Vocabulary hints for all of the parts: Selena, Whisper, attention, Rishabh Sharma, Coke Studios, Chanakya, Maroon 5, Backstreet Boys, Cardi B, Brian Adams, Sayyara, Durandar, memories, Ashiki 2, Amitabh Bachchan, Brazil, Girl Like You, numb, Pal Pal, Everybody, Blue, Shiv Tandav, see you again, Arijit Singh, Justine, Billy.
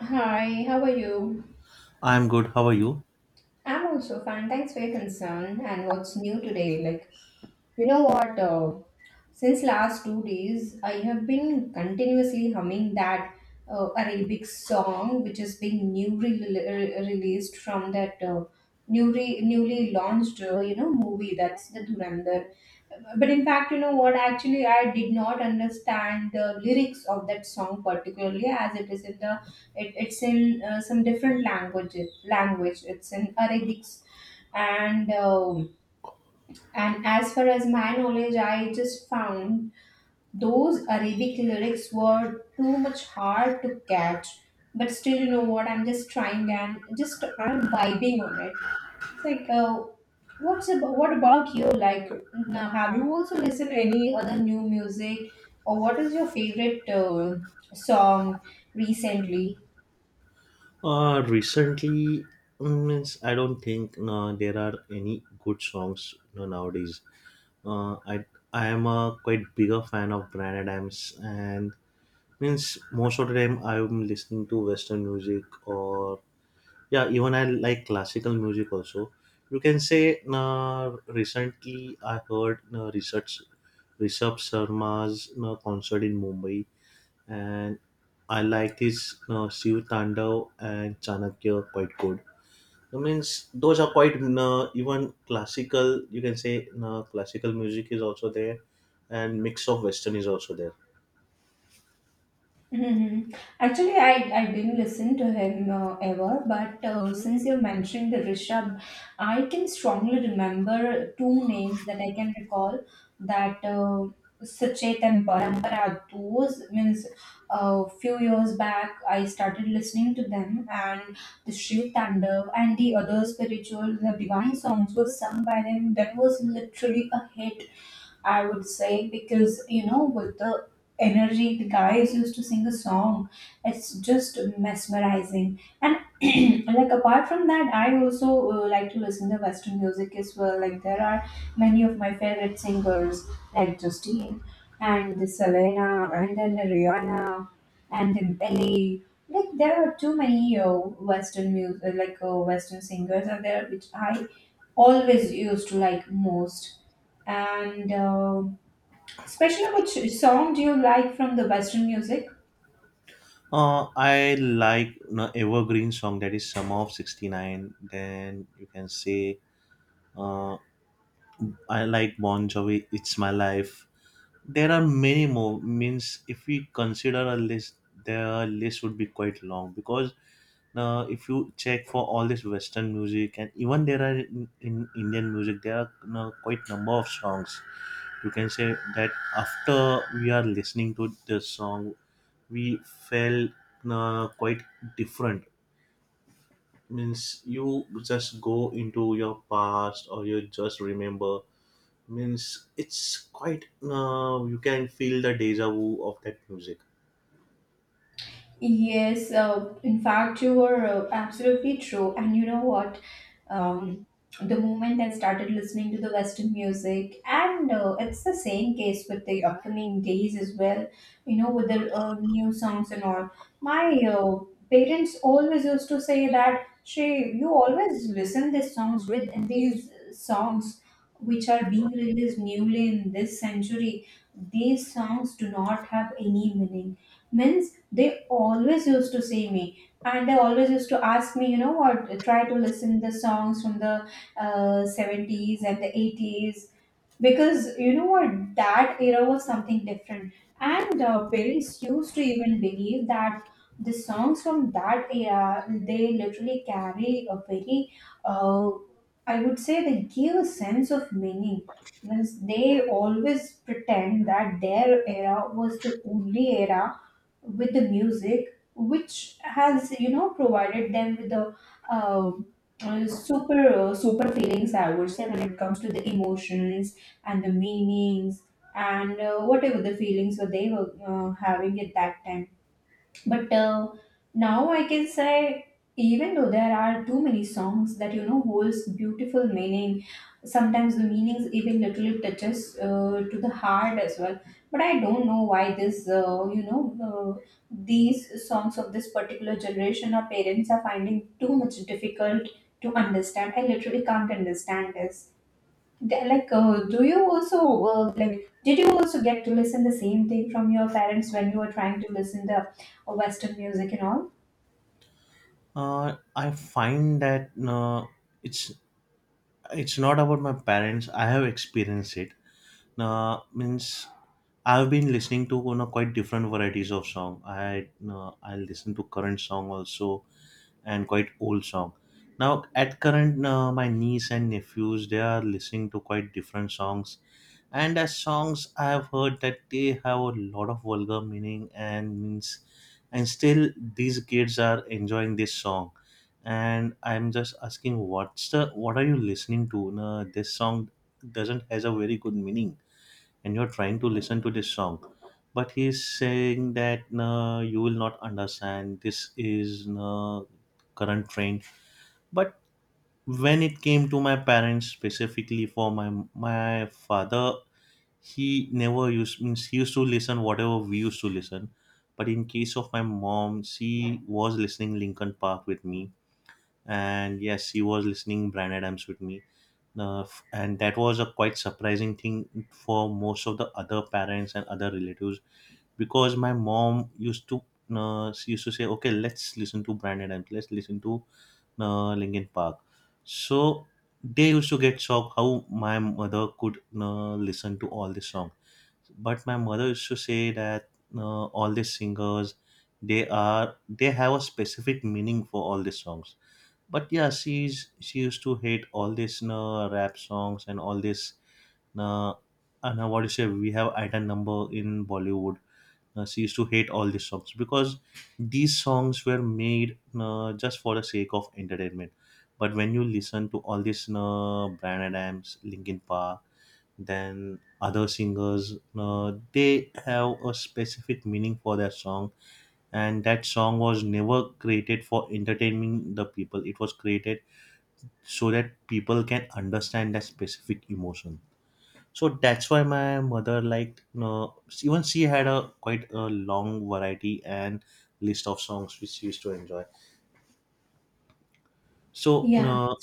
Hi, how are you? I'm good. How are you? I'm also fine. Thanks for your concern. And what's new today? Like, you know what? Since last 2 days, I have been continuously humming that Arabic song, which is being newly released from that newly launched, movie. That's the Durandar. But in fact, you know what? Actually, I did not understand the lyrics of that song particularly, as it is in it's in some different language. It's in Arabic, and um and as far as my knowledge, I just found those Arabic lyrics were too much hard to catch. But still, you know what? I'm just trying and just I'm vibing on it. It's like what about you? Like, now, have you also listened to any other new music, or what is your favorite song recently? Recently, means I don't think there are any good songs nowadays. Uh, I I am a quite bigger fan of Brian Adams, and means most of the time I'm listening to Western music or yeah, even I like classical music also. You can say recently I heard research Rishabh Sharma's concert in Mumbai, and I like this Shiv Tandav and Chanakya quite good. That means those are quite even classical. You can say classical music is also there, and mix of western is also there. Hmm. Actually, I didn't listen to him ever, but since you mentioned the Rishabh, I can strongly remember two names that I can recall, that Sachet and Parampara. Those means a few years back, I started listening to them, and the Shiv Tandav and the other spiritual, the divine songs were sung by them. That was literally a hit, I would say, because you know, with the energy the guys used to sing a song, it's just mesmerizing. And like apart from that, I also like to listen to Western music as well. Like there are many of my favorite singers, like Justine and the Selena, and then Rihanna, and then Billy. Like there are too many Western music, like Western singers, are there which I always used to like most. And especially, which song do you like from the Western music? I like evergreen song that is Summer of '69. Then you can say uh, I like Bon Jovi. It's my life. There are many more means if we consider a list, the list would be quite long because if you check for all this Western music and even there are in Indian music there are quite number of songs. You can say that after we are listening to the song, we felt quite different. Means you just go into your past or you just remember. Means it's quite you can feel the deja vu of that music. Yes, in fact, you were absolutely true. And you know what? Um, the moment I started listening to the Western music, and it's the same case with the upcoming days as well, you know, with the new songs and all. My parents always used to say that, Shay, you always listen these songs with, and these songs which are being released newly in this century. These songs do not have any meaning, means they always used to see me, and they always used to ask me, you know what, try to listen the songs from the 70s and the 80s, because you know what, that era was something different. And parents used to even believe that the songs from that era, they literally carry a very, uh, I would say, they give a sense of meaning. Means they always pretend that their era was the only era with the music, which has, you know, provided them with the uh, super super feelings, I would say, when it comes to the emotions and the meanings and whatever the feelings that they were having at that time. But now I can say, even though there are too many songs that you know holds beautiful meaning, sometimes the meanings even literally touches to the heart as well. But I don't know why this you know uh, these songs of this particular generation or parents are finding too much difficult to understand. I literally can't understand this. Th- like uh, do you also like, did you also get to listen the same thing from your parents when you were trying to listen the western music and all? I find that it's it's not about my parents. I have experienced it. Means I've been listening to quite different varieties of song. I listen to current song also, and quite old song. Now at current, my niece and nephews they are listening to quite different songs, and as songs I have heard that they have a lot of vulgar meaning and means, and still these kids are enjoying this song. And I'm just asking, what's the what are you listening to? No, this song doesn't has a very good meaning, and you're trying to listen to this song, but he's saying that no, you will not understand, this is no current trend. But when it came to my parents specifically for my father, he never used means he used to listen whatever we used to listen. But in case of my mom, she was listening Linkin Park with me, and yes, she was listening Brian Adams with me. And that was a quite surprising thing for most of the other parents and other relatives because my mom used to she used to say, okay, let's listen to Brandon, and let's listen to Linkin Park. So they used to get shocked how my mother could listen to all this song. But my mother used to say that all these singers they are they have a specific meaning for all these songs. But yeah, she used to hate all this rap songs and all this uh, and what you say we have item number in Bollywood. She used to hate all these songs because these songs were made just for the sake of entertainment. But when you listen to all these Brand Adams, Linkin Park, then other singers, they have a specific meaning for their song, and that song was never created for entertaining the people. It was created so that people can understand that specific emotion. So that's why my mother liked, even she had a quite a long variety and list of songs which she used to enjoy. So Yeah.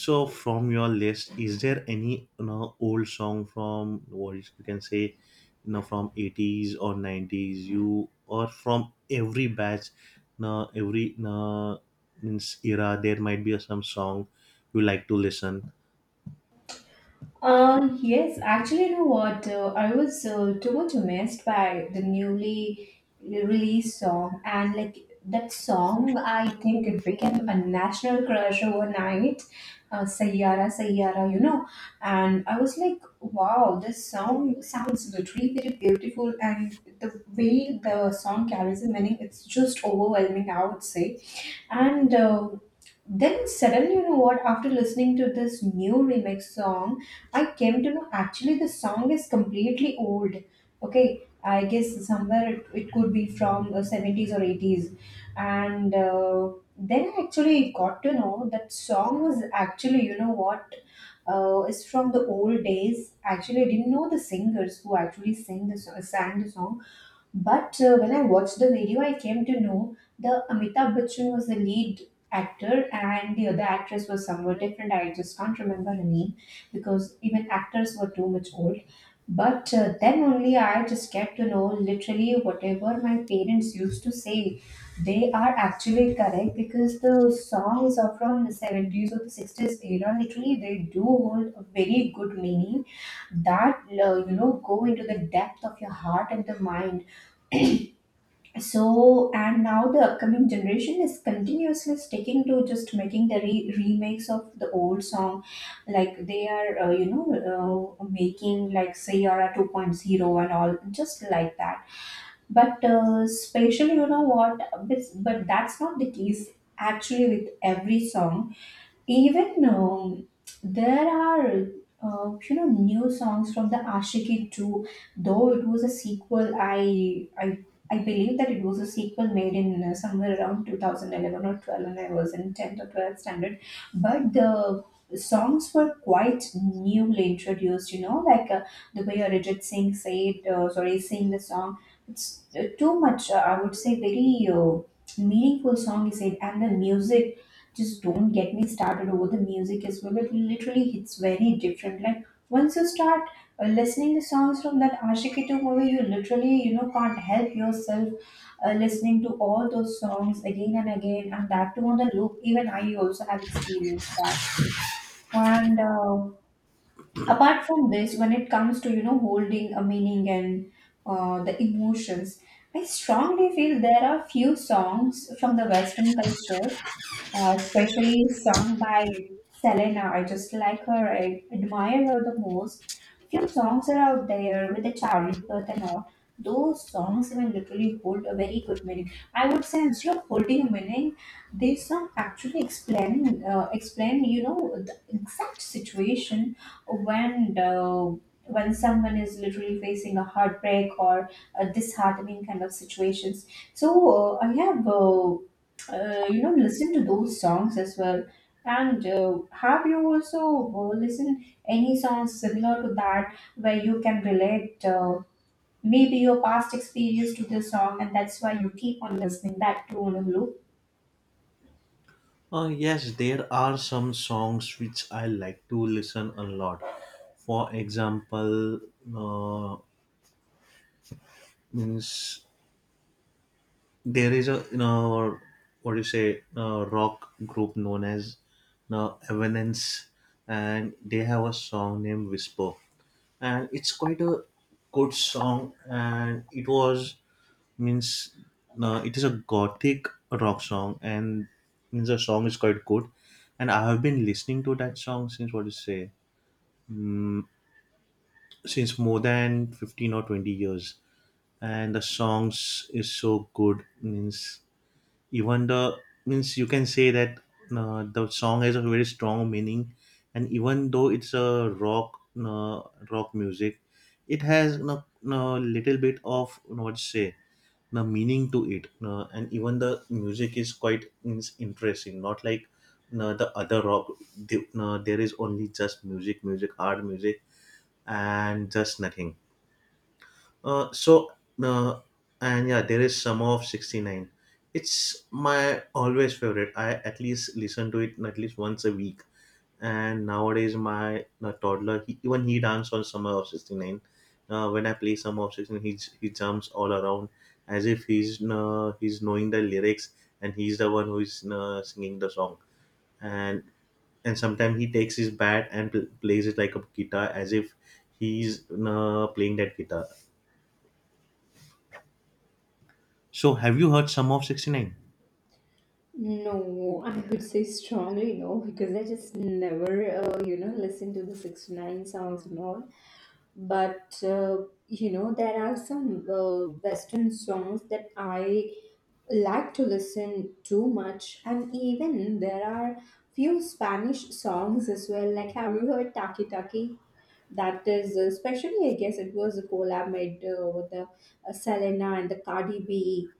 so from your list, is there any old song from what is you can say from 80s or 90s, you, or from every batch every means era, there might be some song you like to listen? Yes, actually, you know what? I was too much amazed by the newly released song, and like that song, I think it became a national crush overnight. Sayyara, Sayyara, you know, and I was like, wow, this song sounds literally very beautiful, and the way the song carries the meaning, it's just overwhelming, I would say. And then suddenly, you know what? After listening to this new remix song, I came to know actually the song is completely old. Okay, I guess somewhere it could be from the 70s or 80s. And then I actually got to know that song was actually, you know what, is from the old days. Actually, I didn't know the singers who actually sang the song, but when I watched the video, I came to know the Amitabh Bachchan was the lead actor and the other actress was somewhat different. I just can't remember her name because even actors were too much old. But then only I just get to know literally whatever my parents used to say, they are actually correct because the songs are from the 70s or the 60s era. Literally, they do hold a very good meaning that go into the depth of your heart and the mind. So and now the upcoming generation is continuously sticking to just making the remakes of the old song, like they are making like Sayara two point zero and all just like that. But especially, you know what, but that's not the case actually with every song. Even there are new songs from the Ashiki 2, though it was a sequel. I believe that it was a sequel made in somewhere around 2011 or 12, and I was in 10th or 12th standard. But the songs were quite newly introduced. You know, like the way Arijit Singh sing the song. It's too much. I would say very, meaningful song, he said, and the music, just don't get me started over the music as well. It literally hits very different. Like, once you start listening the songs from that Ashiki to movie, you literally can't help yourself listening to all those songs again and again, and that too on the loop. Even I also have experienced that. And apart from this, when it comes to holding a meaning and the emotions. I strongly feel there are few songs from the Western culture, especially sung by Selena. I just like her. I admire her the most. Few songs are out there with the childbirth and all. Those songs even literally hold a very good meaning. I would say, instead of holding a meaning, these songs actually explain, the exact situation when uh, when someone is literally facing a heartbreak or a disheartening kind of situations. So I have. Listen to those songs as well. And have you also listened any songs similar to that where you can relate maybe your past experience to this song, and that's why you keep on listening that too on a loop? Yes, there are some songs which I like to listen a lot. For example, uh, means there is a what do you say a rock group known as Evanescence, and they have a song named Whisper, and it's quite a good song, and it was means it is a gothic rock song, and means the song is quite good, and I have been listening to that song since what do you say since more than 15 or 20 years, and the songs is so good means even the means you can say that the song has a very strong meaning, and even though it's a rock rock music, it has a little bit of, what to say, the meaning to it, and even the music is quite means interesting, not like the other rock, the, there is only just music hard music and just nothing. So uh, and yeah, there is Summer of '69. It's my always favorite. I at least listen to it at least once a week. And nowadays, my toddler he, even he dance on Summer of '69. When I play Summer of '69, he jumps all around as if he's knowing the lyrics, and he's the one who is singing the song. And and sometimes he takes his bat and plays it like a guitar as if he's playing that guitar. So, have you heard some of 69? No, I would say strongly no, because I just never, listen to the 69 songs and all. But, there are some Western songs that I like to listen too much, and even there are few Spanish songs as well. Like, have you heard taki taki? That is especially, I guess it was a collab made with the Selena and the Cardi B.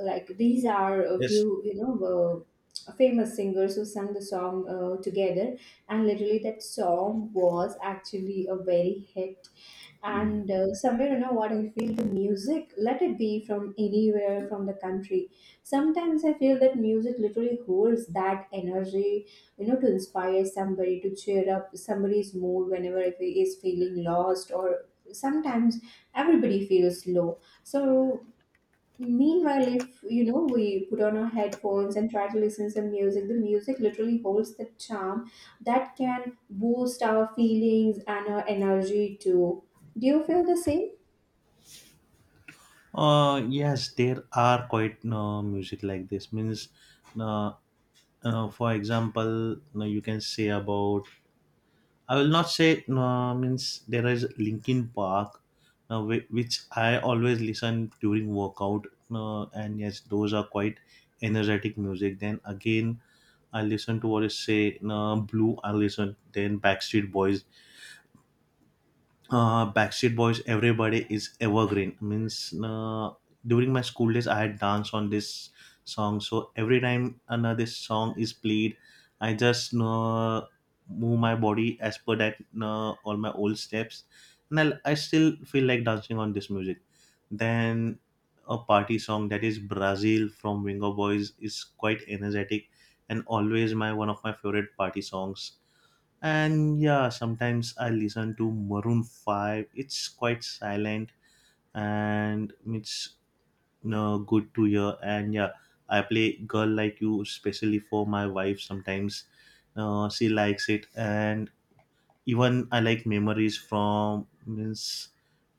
Like, these are a Yes. few famous singers who sang the song together, and literally that song was actually a very hit. And somewhere, you know what, I feel the music, let it be from anywhere from the country, sometimes I feel that music literally holds that energy, you know, to inspire somebody, to cheer up somebody's mood whenever if he is feeling lost, or sometimes everybody feels low. So, meanwhile, if you know, we put on our headphones and try to listen some music, the music literally holds the charm that can boost our feelings and our energy too. Do you feel the same? Yes, there are quite music like this. Means, uh, for example, no, you can say about. I will not say no. Means there is Linkin Park, which I always listen during workout. And yes, those are quite energetic music. Then again, I listen to what is say no, Blue. I listen then Backstreet Boys Backstreet Boys, Everybody is evergreen. Means during my school days, I had danced on this song. So every time another this song is played, I just move my body as per that all my old steps, and I still feel like dancing on this music. Then a party song that is Brazil from Wingo Boys is quite energetic, and always my one of my favorite party songs. And yeah, sometimes I listen to Maroon 5. It's quite silent, and it's good to hear. And yeah, I play Girl Like You especially for my wife sometimes. She likes it, and even I like memories from means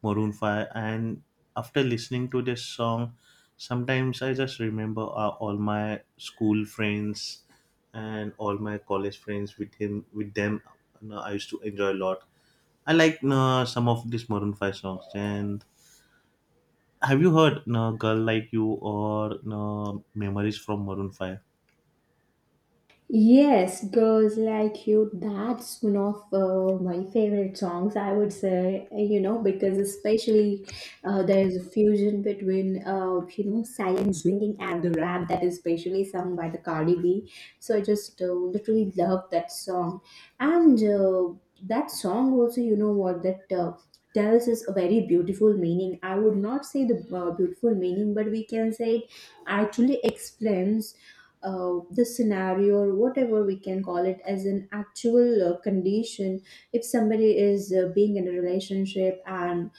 Maroon 5. And after listening to this song, sometimes I just remember all my school friends and all my college friends with them. I used to enjoy a lot. I like, some of these Maroon 5 songs. And have you heard, Girl Like You, or, memories from Maroon 5? Yes, Girls Like You, that's one of my favorite songs, I would say, you know, because especially there's a fusion between, you know, silent singing and the rap that is especially sung by the Cardi B. So I just literally love that song. And that song also, you know what, that tells us a very beautiful meaning. I would not say the beautiful meaning, but we can say it actually explains the scenario, or whatever we can call it as an actual condition if somebody is being in a relationship, and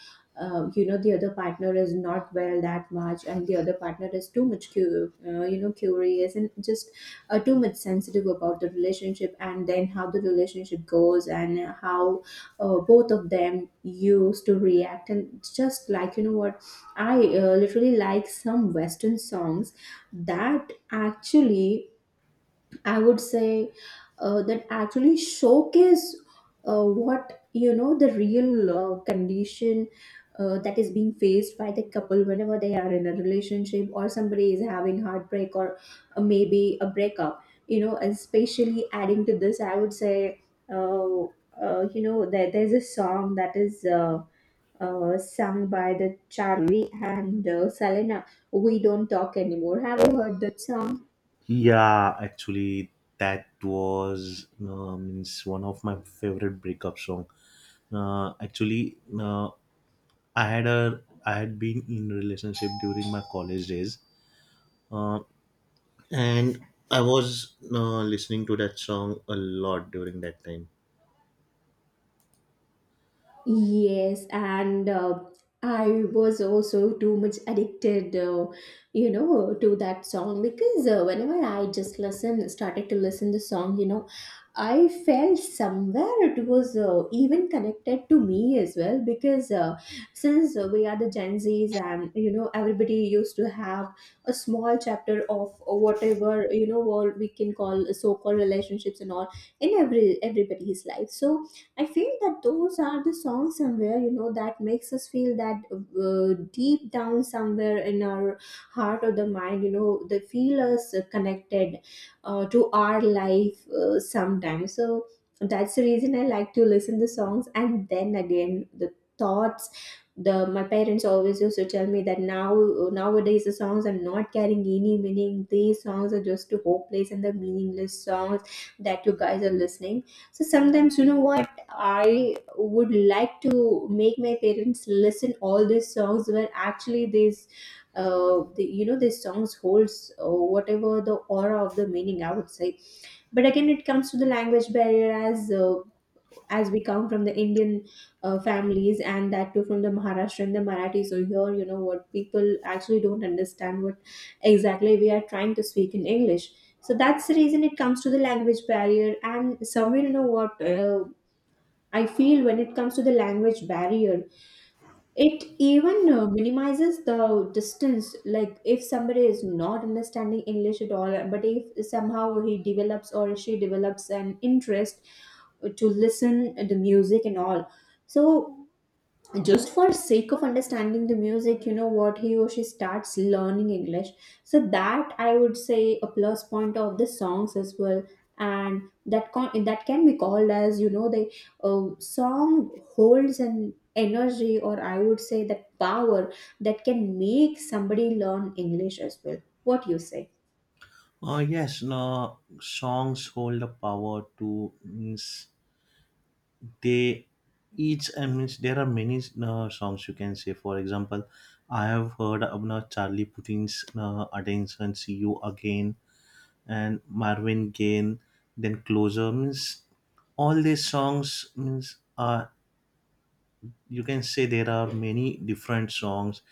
the other partner is not well that much, and the other partner is too much curious and just too much sensitive about the relationship, and then how the relationship goes, and how both of them used to react. And just like, you know what I literally like some western songs that actually, I would say, that actually showcase what you know the real condition that is being faced by the couple whenever they are in a relationship, or somebody is having heartbreak, or maybe a breakup. Especially adding to this, I would say, uh, there's a song that is sung by the Charlie and Selena, we don't talk anymore. Have you heard that song? Yeah, actually, that was means one of my favorite breakup song. Actually, I had a I had been in relationship during my college days, uh, and I was listening to that song a lot during that time. Yes, and I was also too much addicted, to that song, because whenever I just listen, started to listen the song, I felt somewhere it was even connected to me as well, because since we are the Gen Zs, and everybody used to have a small chapter of whatever, you know what we can call so-called relationships and all in everybody's life. So I feel that those are the songs somewhere, that makes us feel that deep down somewhere in our heart or the mind, they feel us connected to our life, sometimes. So that's the reason I like to listen the songs. And then again, the thoughts, the my parents always used to tell me that now, nowadays the songs are not carrying any meaning, these songs are just hopeless and the meaningless songs that you guys are listening. So sometimes, you know what I would like to make my parents listen all these songs, where actually these these songs holds whatever, the aura of the meaning, I would say. But again it comes to the language barrier, as we come from the Indian families, and that too from the Maharashtra and the Marathi, so here, you know what people actually don't understand what exactly we are trying to speak in English. So that's the reason it comes to the language barrier, and somewhere, you know what I feel when it comes to the language barrier, it even minimizes the distance. Like if somebody is not understanding English at all, but if somehow he develops or she develops an interest to listen the music and all, so just for sake of understanding the music, you know what he or she starts learning English. So that I would say a plus point of the songs as well. And that that can be called as, the song holds an energy, or I would say that power, that can make somebody learn English as well. What you say? Yes, no, songs hold the power to means they each I mean there are many songs, you can say, for example, I have heard of Charlie Putin's attention, see you again, and Marvin Gaye, then closer. Means all these songs means are, you can say, there are many different songs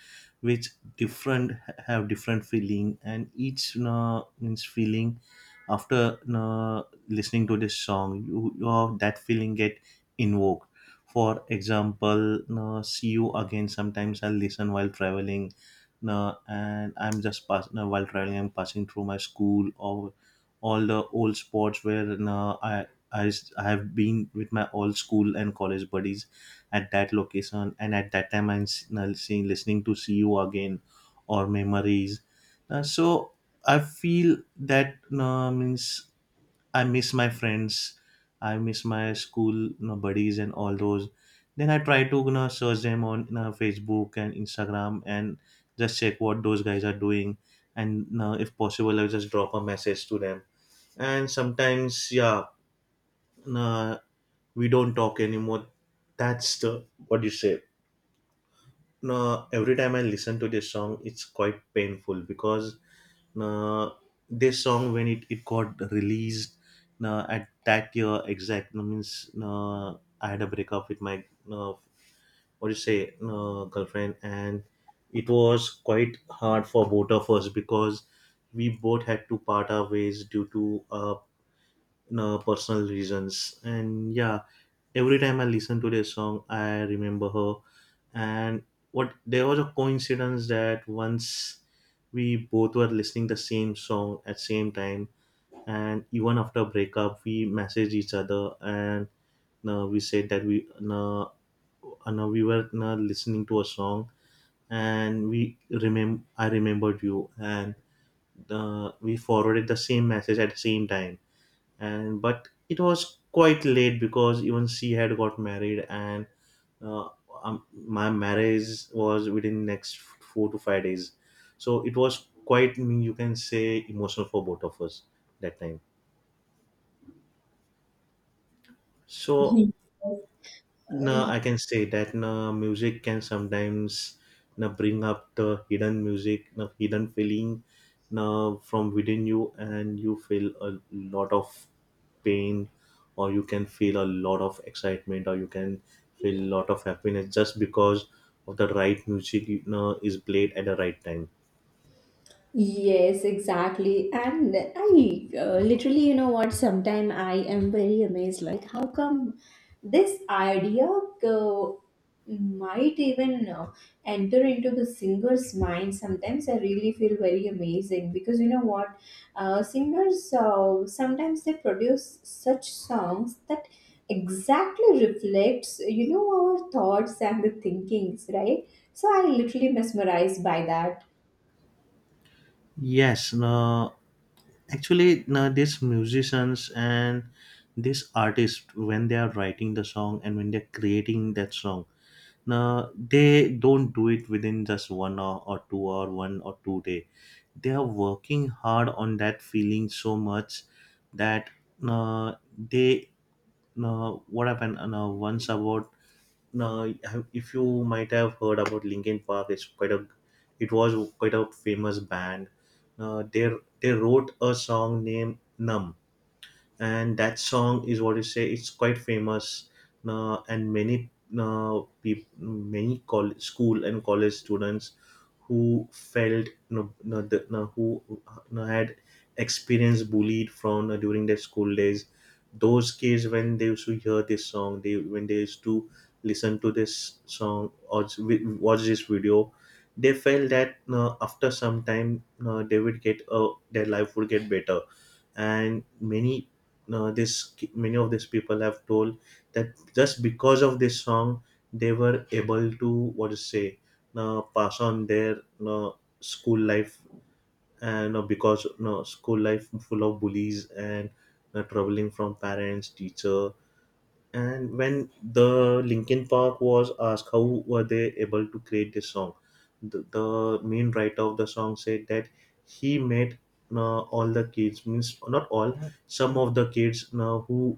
which different have different feeling, and each means feeling after listening to this song, you that feeling get invoked. For example, see you again, sometimes I listen while traveling, and I'm just passing while traveling I'm passing through my school or all the old spots where I, I have been with my old school and college buddies at that location. And at that time, now seeing listening to see you again or memories. So I feel that means I miss my friends, I miss my school, buddies and all those. Then I try to, search them on, Facebook and Instagram, and just check what those guys are doing. And, if possible, I'll just drop a message to them. And sometimes, yeah, nah, we don't talk anymore. That's the what you say. Nah, every time I listen to this song, it's quite painful because nah, this song when it got released nah, at that year exact nah, means nah, I had a breakup with my nah, what you say nah, girlfriend. And it was quite hard for both of us because we both had to part our ways due to nah, personal reasons. And yeah, every time I listen to this song, I remember her. And what there was a coincidence that once we both were listening the same song at same time. And even after breakup, we messaged each other, and we said that we were listening to a song, and we remember I remembered you. And we forwarded the same message at the same time. And but it was quite late because even she had got married, and uh, my marriage was within next 4 to 5 days. So it was quite you can say emotional for both of us that time. So no, Mhm. I can say that no, music can sometimes no, bring up the hidden music, no, hidden feeling no, from within you. And you feel a lot of pain, or you can feel a lot of excitement, or you can feel a lot of happiness just because of the right music, is played at the right time. Yes, exactly. And I literally, sometime I am very amazed, like, how come this idea might even enter into the singer's mind? Sometimes I really feel very amazing, because, singers sometimes they produce such songs that exactly reflects, our thoughts and the thinkings, right? So I literally mesmerized by that. Yes, no, actually, no, these musicians and these artists, when they are writing the song and when they're creating that song, now, they don't do it within just 1 hour or 2 or 1 or 2 day. They are working hard on that feeling so much that they what happened once about now, if you might have heard about Linkin Park, it's quite a it was quite a famous band. uh, they they wrote a song named Numb, and that song is what you say it's quite famous. And many peop many college, school and college students who felt no, no, the, no, who no, had experienced bullied from during their school days. Those kids when they used to hear this song they when they used to listen to this song or watch this video, they felt that after some time they would get their life would get better. And many this many of these people have told that just because of this song, they were able to what to say pass on their uh, school life. And because school life full of bullies and troubling from parents teacher. And when the Linkin Park was asked how were they able to create this song, the main writer of the song said that he met all the kids, means not all, some of the kids who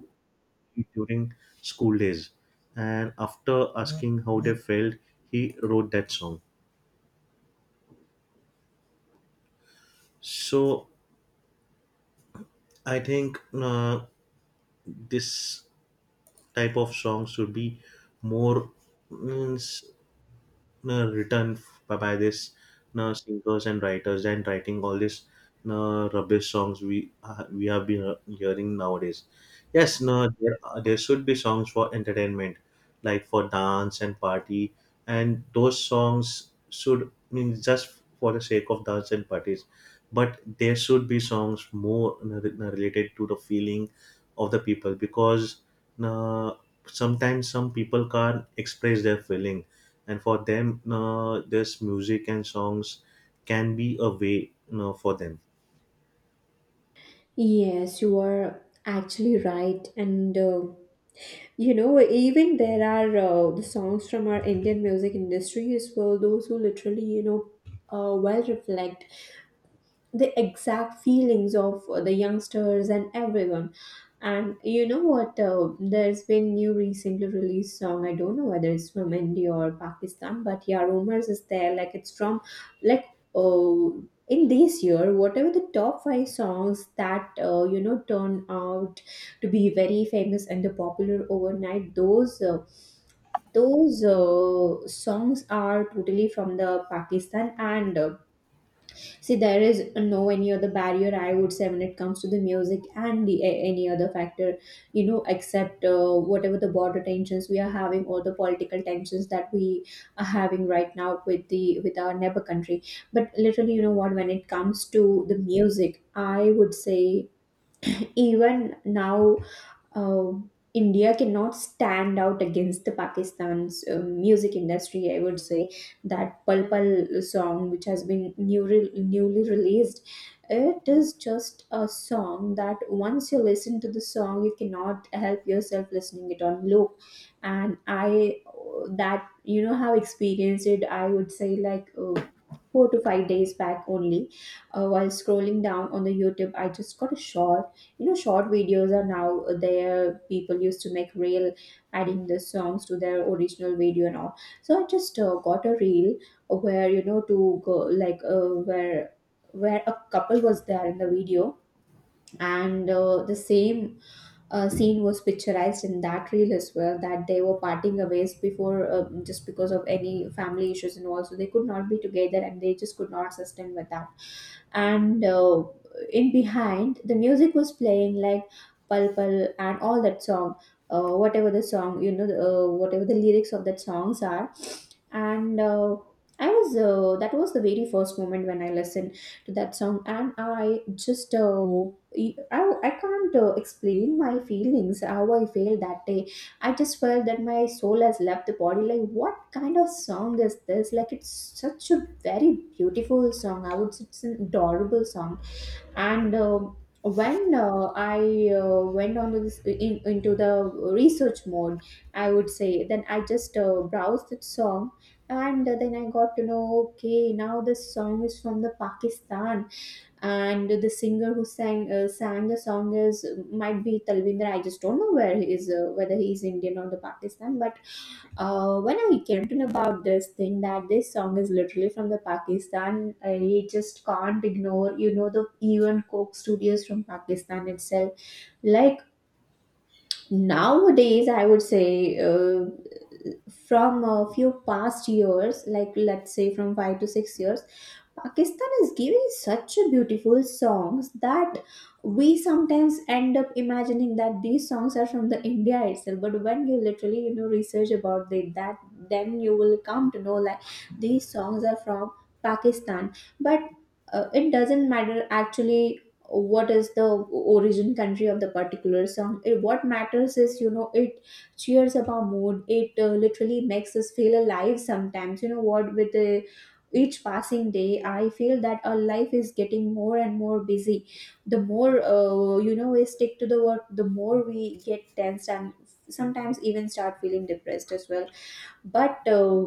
during school days, and after asking how they felt, he wrote that song. So I think this type of song should be more means written by this singers and writers and writing all this rubbish songs we have been hearing nowadays. Yes, no, there, are there should be songs for entertainment, like for dance and party, and those songs should mean just for the sake of dance and parties. But there should be songs more related to the feeling of the people because uh, sometimes some people can't express their feeling, and for them this music and songs can be a way, for them. Yes, you are actually right. And even there are the songs from our Indian music industry as well, those who literally, well reflect the exact feelings of the youngsters and everyone. And you know what? There's been new recently released song. I don't know whether it's from India or Pakistan, but yeah, rumors is there. Like it's from, like, oh, in this year, whatever the top five songs that turn out to be very famous and the popular overnight, those songs are totally from the Pakistan and. See, there is no any other barrier, I would say, when it comes to the music and the any other factor, except whatever the border tensions we are having, or the political tensions that we are having right now with the with our neighbor country. But literally, you know what? when it comes to the music, I would say even now, uh, India cannot stand out against the Pakistan's music industry. I would say that Pal Pal song, which has been newly released, it is just a song that once you listen to the song, you cannot help yourself listening it on loop. And I that you know have experienced it. I would say like. 4 to 5 days back only, while scrolling down on the YouTube, I just got a shock. Short videos are now there, people used to make reel adding the songs to their original video and all. So I just got a reel where, to go like where a couple was there in the video, and the same scene was picturized in that reel as well, that they were parting ways before, just because of any family issues and all, so they could not be together, and they just could not sustain with that. And in behind the music was playing like Pal Pal and all that song, whatever the song, whatever the lyrics of that songs are. And I was that was the very first moment when I listened to that song, and I just I can't explain my feelings, how I felt that day. I just felt that my soul has left the body. Like, what kind of song is this? Like, it's such a very beautiful song. I would say it's an adorable song. And um, when I went on to this into the research mode, I would say, then I just browsed the song, and then I got to know. Okay, now this song is from the Pakistan, and the singer who sang the song is might be Talvinder. I just don't know where he is, whether he is Indian or the Pakistan. But when I came to know about this thing, that this song is literally from the Pakistan, I just can't ignore. You know the even Coke Studios from Pakistan itself. Like nowadays, I would say. Uh, from a few past years, like let's say from 5 to 6 years, Pakistan is giving such a beautiful songs that we sometimes end up imagining that these songs are from the India itself. But when you literally, research about it, that then you will come to know, like, these songs are from Pakistan. But it doesn't matter actually what is the origin country of the particular song. It, what matters is, it cheers up our mood. It literally makes us feel alive sometimes. You know what With each passing day, I feel that our life is getting more and more busy, the more we stick to the work, the more we get tensed, and sometimes even start feeling depressed as well. But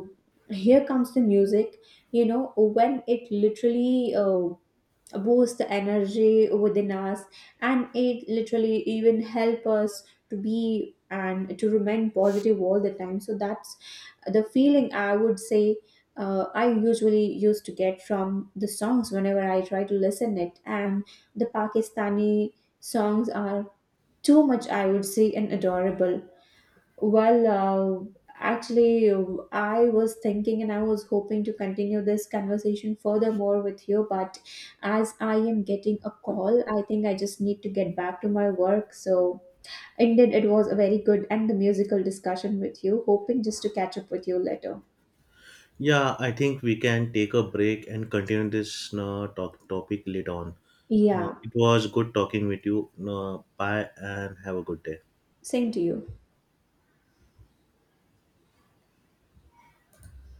here comes the music, when it literally boost the energy within us, and it literally even help us to be and to remain positive all the time. So that's the feeling, I would say, I usually used to get from the songs whenever I try to listen it. And the Pakistani songs are too much, I would say, and adorable. Well, actually, I was thinking and I was hoping to continue this conversation furthermore with you, but as I am getting a call, I think I just need to get back to my work. So, indeed, it was a very good and the musical discussion with you, hoping just to catch up with you later. Yeah, I think we can take a break and continue this talk topic later on. Yeah, It was good talking with you. Bye and have a good day. same to you.